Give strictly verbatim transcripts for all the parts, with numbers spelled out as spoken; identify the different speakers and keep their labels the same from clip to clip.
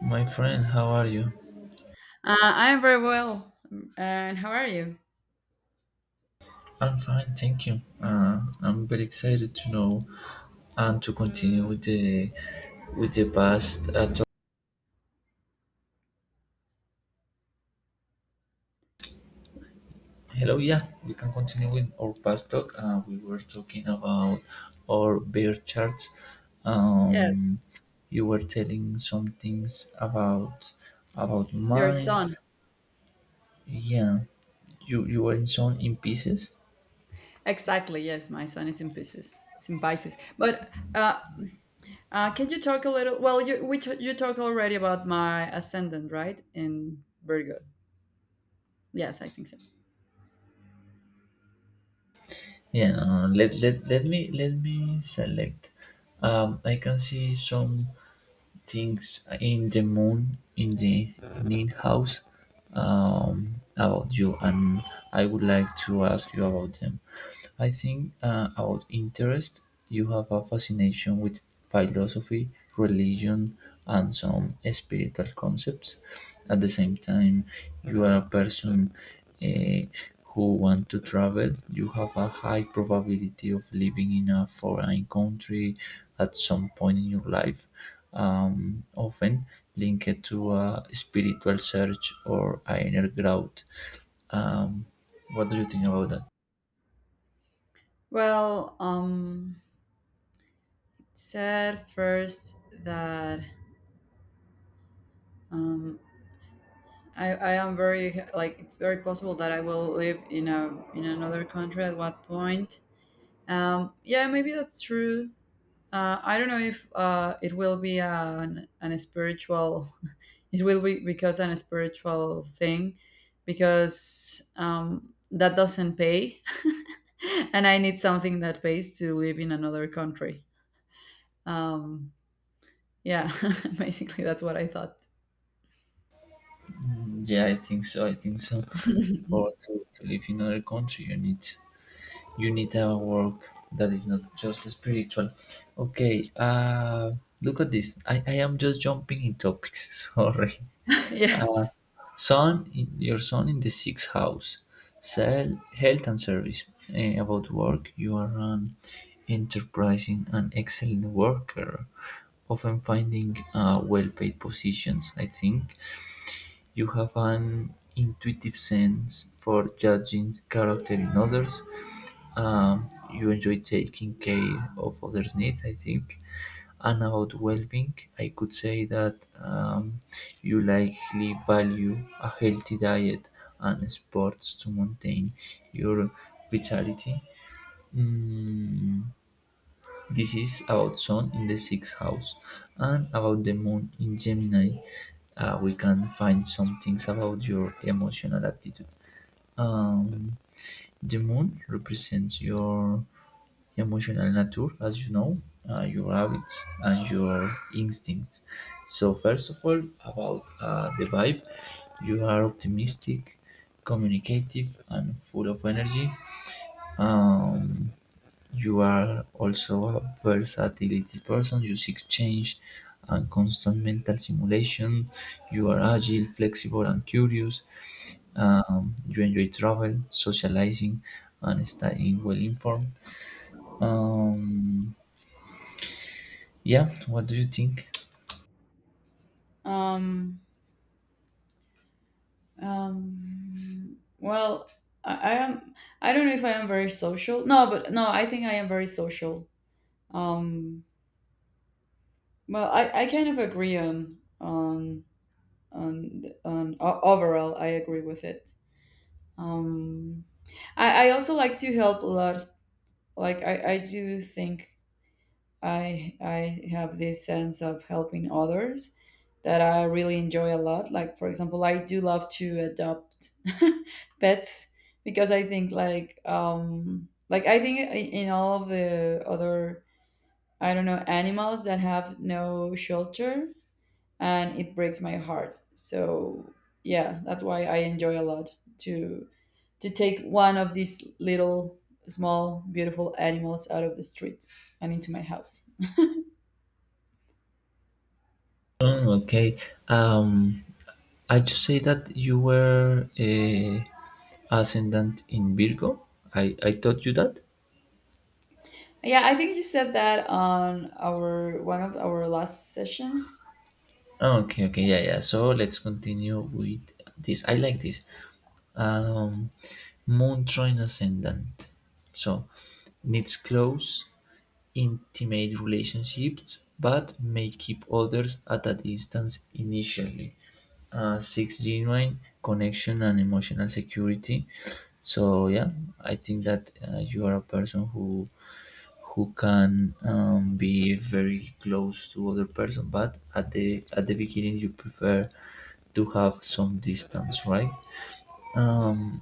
Speaker 1: My friend, how are you?
Speaker 2: Uh, I'm very well. And how are you?
Speaker 1: I'm fine, thank you. Uh, I'm very excited to know and to continue with the with the past uh, talk. Hello, yeah, we can continue with our past talk. Uh, we were talking about our bear charts.
Speaker 2: Yes,
Speaker 1: Um, you were telling some things about about
Speaker 2: your
Speaker 1: mine.
Speaker 2: son.
Speaker 1: Yeah, you you were in some in pieces.
Speaker 2: Exactly. Yes, my son is in Pisces. It's in Pisces. But uh, uh, can you talk a little? Well, you we t- you talked already about my ascendant, right? In Virgo. Yes, I think so.
Speaker 1: Yeah, uh, let, let let me let me select. Um, I can see some things in the moon in the Nin house um, about you, and I would like to ask you about them. I think, uh, about interest, you have a fascination with philosophy, religion, and some spiritual concepts. At the same time, you are a person eh, who want to travel. You have a high probability of living in a foreign country at some point in your life, um, often linked to a spiritual search or inner growth. Um, what do you think about that?
Speaker 2: Well, um, said first that um, I, I am very like it's very possible that I will live in a in another country at what point. Um, yeah, maybe that's true. Uh, I don't know if uh, it will be an, an spiritual. It will be because an spiritual thing, because um, that doesn't pay, and I need something that pays to live in another country. Um, yeah, basically that's what I thought.
Speaker 1: Yeah, I think so. I think so. Or to, to live in another country, you need you need a work that is not just spiritual. Okay. Uh, look at this. I, I am just jumping in topics. Sorry.
Speaker 2: Yes.
Speaker 1: Son, in, your son in the sixth house. Sell health and service. Eh, about work, you are an enterprising and excellent worker, often finding uh, well-paid positions. I think you have an intuitive sense for judging character in others. Um, you enjoy taking care of others' needs, I think. And about well being, I could say that um, you likely value a healthy diet and sports to maintain your vitality. Mm, this is about Sun in the sixth house and about the Moon in Gemini. Uh, we can find some things about your emotional attitude. Um, the Moon represents your emotional nature, as you know, uh, your habits and your instincts. So, first of all, about uh, the vibe, you are optimistic, communicative, and full of energy. Um, you are also a versatility person. You seek change and constant mental simulation. You are agile, flexible, and curious. Um, you enjoy travel, socializing, and staying well informed. Um, yeah, what do you think?
Speaker 2: Um, um, well, I, I am. I don't know if I am very social. No, but no, I think I am very social. Um, Well, I, I kind of agree on on on on o- overall. I agree with it. Um, I I also like to help a lot. Like I I do think I I have this sense of helping others that I really enjoy a lot. Like for example, I do love to adopt pets because I think like um like I think in in all of the other I don't know animals that have no shelter and it breaks my heart. So yeah, that's why I enjoy a lot to to take one of these little small beautiful animals out of the street and into my house.
Speaker 1: Mm,
Speaker 2: Yes.
Speaker 1: okay. Um, I just say that you were a ascendant in Virgo. I I taught you that.
Speaker 2: Yeah, I think you said that on our one of our last sessions.
Speaker 1: Okay, okay, yeah, yeah. So let's continue with this. I like this. um, Moon trine ascendant. So needs close, intimate relationships, but may keep others at a distance initially. Uh, six genuine connection and emotional security. So yeah, I think that uh, you are a person who who can um, be very close to other person, but at the at the beginning you prefer to have some distance, right? Um,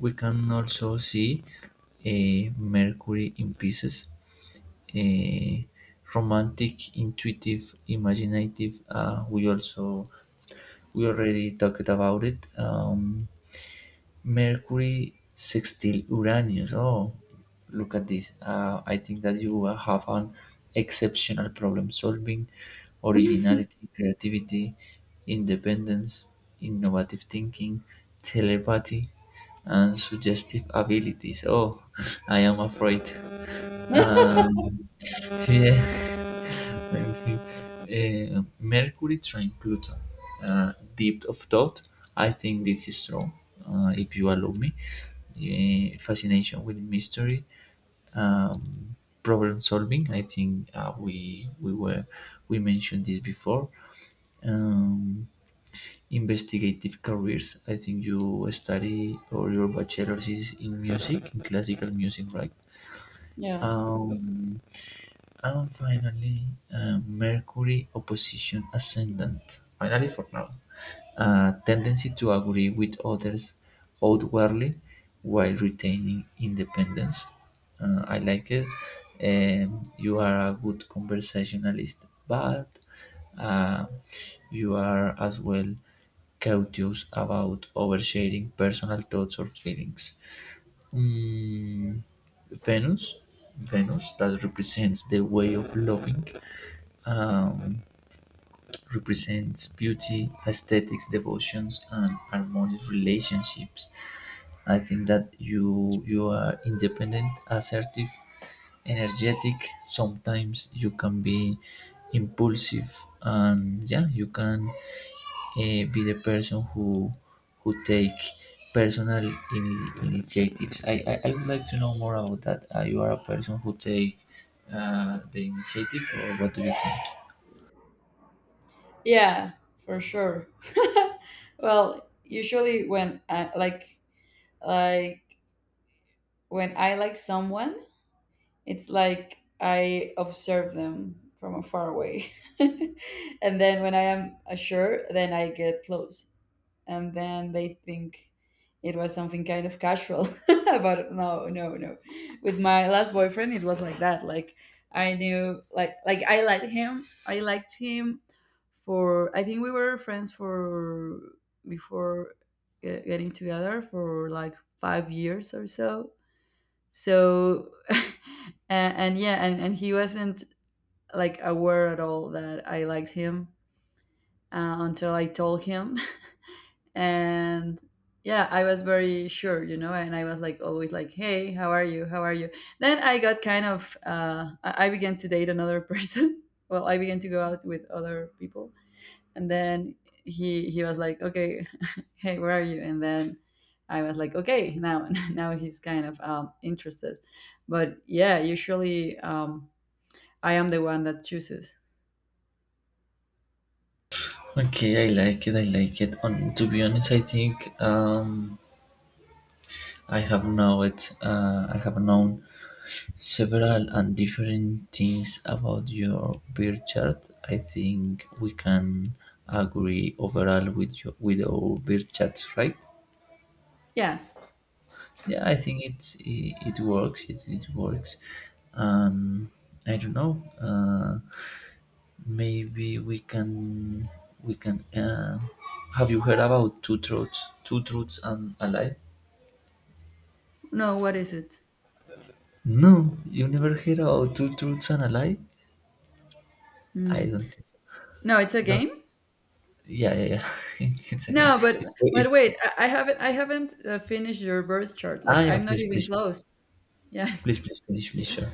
Speaker 1: we can also see eh, Mercury in pieces, eh, romantic, intuitive, imaginative. Uh, we also we already talked about it. Um, Mercury sextile Uranus. Oh, look at this. Uh, I think that you will have an exceptional problem solving, originality, creativity, independence, innovative thinking, telepathy, and suggestive abilities. Oh, I am afraid. Um, yeah. Thank Uh, Mercury trine Pluto. Uh, depth of thought. I think this is strong, uh, if you allow me. Uh, fascination with mystery, um, problem solving. I think uh, we we were we mentioned this before. Um, Investigative careers. I think you study or your bachelor's is in music, in classical music, right?
Speaker 2: Yeah.
Speaker 1: Um, and finally, uh, Mercury opposition ascendant. Finally, for now, a tendency to agree with others outwardly while retaining independence. Uh, I like it. Um, you are a good conversationalist, but uh, you are as well cautious about oversharing personal thoughts or feelings. Mm, Venus, Venus that represents the way of loving, um, represents beauty, aesthetics, devotions, and harmonious relationships. I think that you you are independent, assertive, energetic. Sometimes you can be impulsive, and yeah, you can eh, be the person who who take personal ini- initiatives. I, I, I would like to know more about that. Uh, you are a person who take uh, the initiative, or what do you think?
Speaker 2: Yeah, for sure. Well, usually when I, like like when I like someone. It's like I observe them from a far away. And then when I am assured, then I get close. And then they think it was something kind of casual. But no, no, no. With my last boyfriend, it was like that. Like I knew, like, like I liked him. I liked him for, I think we were friends for, before get- getting together for like five years or so so. and, and yeah and, and he wasn't like aware at all that I liked him, uh, until I told him. And yeah, I was very sure, you know, and I was like always like, hey, how are you? How are you? Then I got kind of uh, i I began to date another person. Well, I began to go out with other people, and then he he was like, okay, hey, where are you? And then I was like, okay, now. Now he's kind of um, interested. But yeah, usually um, I am the one that chooses.
Speaker 1: Okay, I like it. I like it. On to be honest, I think um, I have know it. Uh, I have known several and different things about your birth chart. I think we can agree overall with your, with our birth charts, right?
Speaker 2: Yes.
Speaker 1: yeah, I think it's it, it works. It it works. Um, I don't know. Uh, maybe we can we can. Uh, have you heard about two truths, two truths and a lie?
Speaker 2: No, what is it?
Speaker 1: No, you never heard about two truths and a lie? I
Speaker 2: Mm.
Speaker 1: don't think.
Speaker 2: No, it's a
Speaker 1: No,
Speaker 2: game.
Speaker 1: yeah, yeah, yeah. it's it's a game.
Speaker 2: no but
Speaker 1: It's, it's,
Speaker 2: but wait i, I haven't i haven't uh, finished your birth chart.
Speaker 1: ah,
Speaker 2: Like
Speaker 1: yeah.
Speaker 2: I'm not
Speaker 1: Please,
Speaker 2: even
Speaker 1: please,
Speaker 2: close.
Speaker 1: please,
Speaker 2: Yes.
Speaker 1: please, please, please, sure.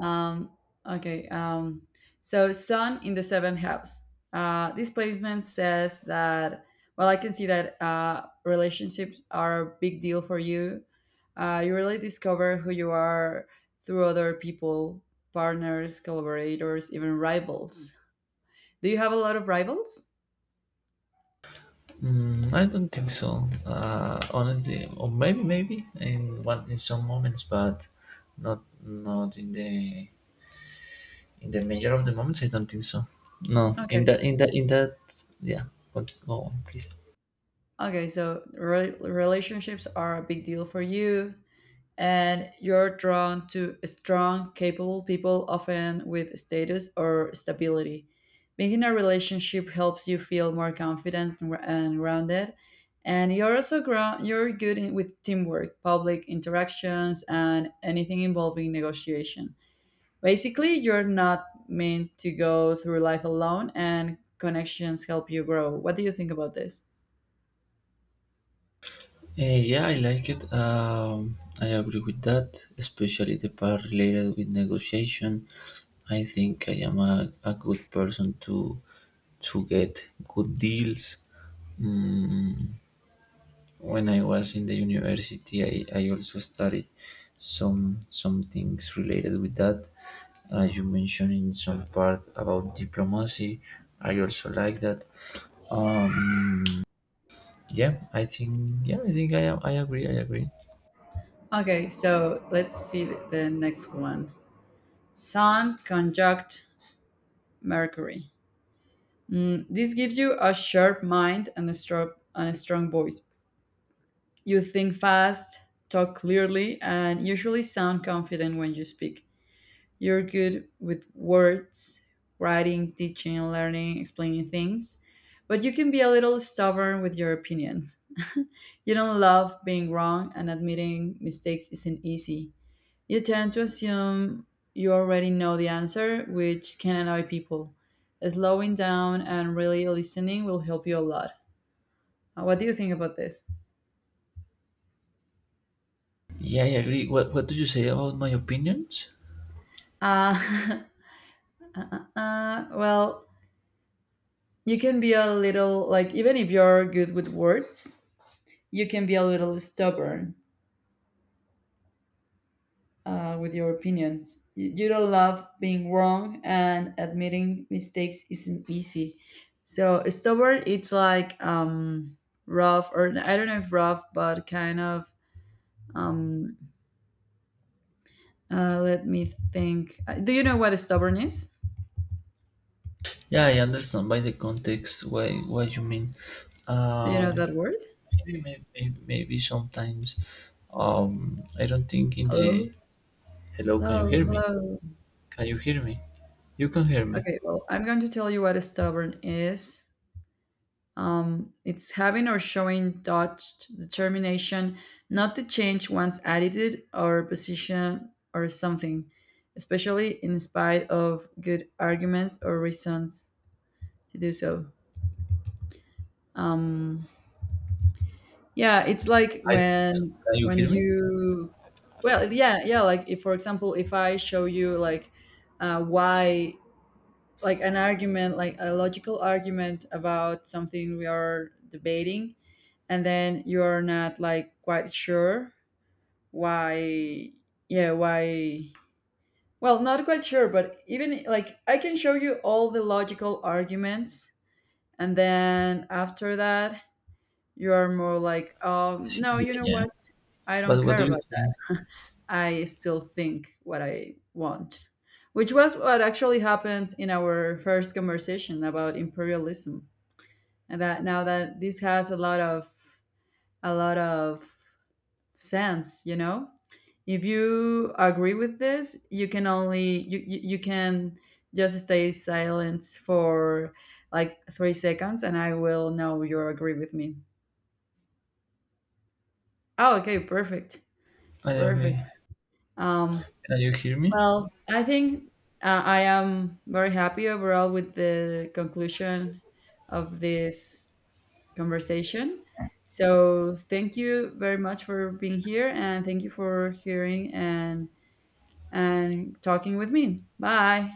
Speaker 2: Um, okay. Um, so Sun in the seventh house. Uh, this placement says that. Well, I can see that uh, relationships are a big deal for you. Uh, you really discover who you are through other people, partners, collaborators, even rivals. Do you have a lot of rivals?
Speaker 1: Mm, I don't think so. Uh, honestly, or maybe maybe in one in some moments, but not not in the in the major of the moments. I don't think so. No, in
Speaker 2: Okay.
Speaker 1: that in that in that yeah. But go on, please.
Speaker 2: Okay. So re- relationships are a big deal for you. And you're drawn to strong, capable people, often with status or stability. Being in a relationship helps you feel more confident and gr- and grounded, and you're also ground, you're good in, with teamwork, public interactions, and anything involving negotiation. Basically, you're not meant to go through life alone, and connections help you grow. What do you think about this?
Speaker 1: Eh, yeah, I like it. Um, I agree with that, especially the part related with negotiation. I think I am a, a good person to to get good deals. Mm, when I was in the university, I, I also studied some some things related with that. As you mentioned in some part about diplomacy, I also like that. Um, yeah, I think yeah, I think I am. I agree. I agree.
Speaker 2: Okay, so let's see the the next one. Sun, conjunct, Mercury. Mm, this gives you a sharp mind and a, strong, and a strong voice. You think fast, talk clearly, and usually sound confident when you speak. You're good with words, writing, teaching, learning, explaining things, but you can be a little stubborn with your opinions. You don't love being wrong, and admitting mistakes isn't easy. You tend to assume you already know the answer, which can annoy people. Slowing down and really listening will help you a lot. Uh, What do you think about this?
Speaker 1: Yeah, I agree. What What do you say about my opinions?
Speaker 2: Uh, uh, uh, uh, well, you can be a little, like, even if you're good with words, you can be a little stubborn uh, with your opinions. You, you don't love being wrong, and admitting mistakes isn't easy. So stubborn, it's like um, rough, or I don't know if rough, but kind of. Um, uh, let me think. Uh, Do you know what stubborn is?
Speaker 1: Yeah, I understand by the context why what you mean.
Speaker 2: Do you know
Speaker 1: Um,
Speaker 2: that word?
Speaker 1: maybe, may- may- maybe sometimes. Um, I don't think in the.
Speaker 2: Hello,
Speaker 1: Hello, can you
Speaker 2: hello,
Speaker 1: hear me?
Speaker 2: hello.
Speaker 1: Can you hear me? You can hear me.
Speaker 2: Okay, well, I'm going to tell you what stubborn is. Um, it's having or showing touched determination not to change one's attitude or position or something, especially in spite of good arguments or reasons to do so. Um, yeah, it's like
Speaker 1: I think so.
Speaker 2: when
Speaker 1: Can you
Speaker 2: when
Speaker 1: hear me?
Speaker 2: you, well, yeah, yeah, like if, for example, if I show you like uh, why, like an argument, like a logical argument about something we are debating, and then you're not like quite sure why, yeah, why, well not quite sure, but even like I can show you all the logical arguments, and then after that you are more like, um,
Speaker 1: S-
Speaker 2: no, you
Speaker 1: Yeah,
Speaker 2: know
Speaker 1: yeah.
Speaker 2: what, I don't
Speaker 1: But what
Speaker 2: care
Speaker 1: do you
Speaker 2: about
Speaker 1: think?
Speaker 2: that, I still think what I want, which was what actually happened in our first conversation about imperialism, and that now that this has a lot of a lot of sense, you know, if you agree with this, you can only you you, you can just stay silent for like three seconds and I will know you agree with me. Oh, okay, perfect.
Speaker 1: I agree.
Speaker 2: Perfect. Um,
Speaker 1: Can you hear me?
Speaker 2: well, I think uh, I am very happy overall with the conclusion of this conversation, so thank you very much for being here and thank you for hearing and and talking with me. Bye.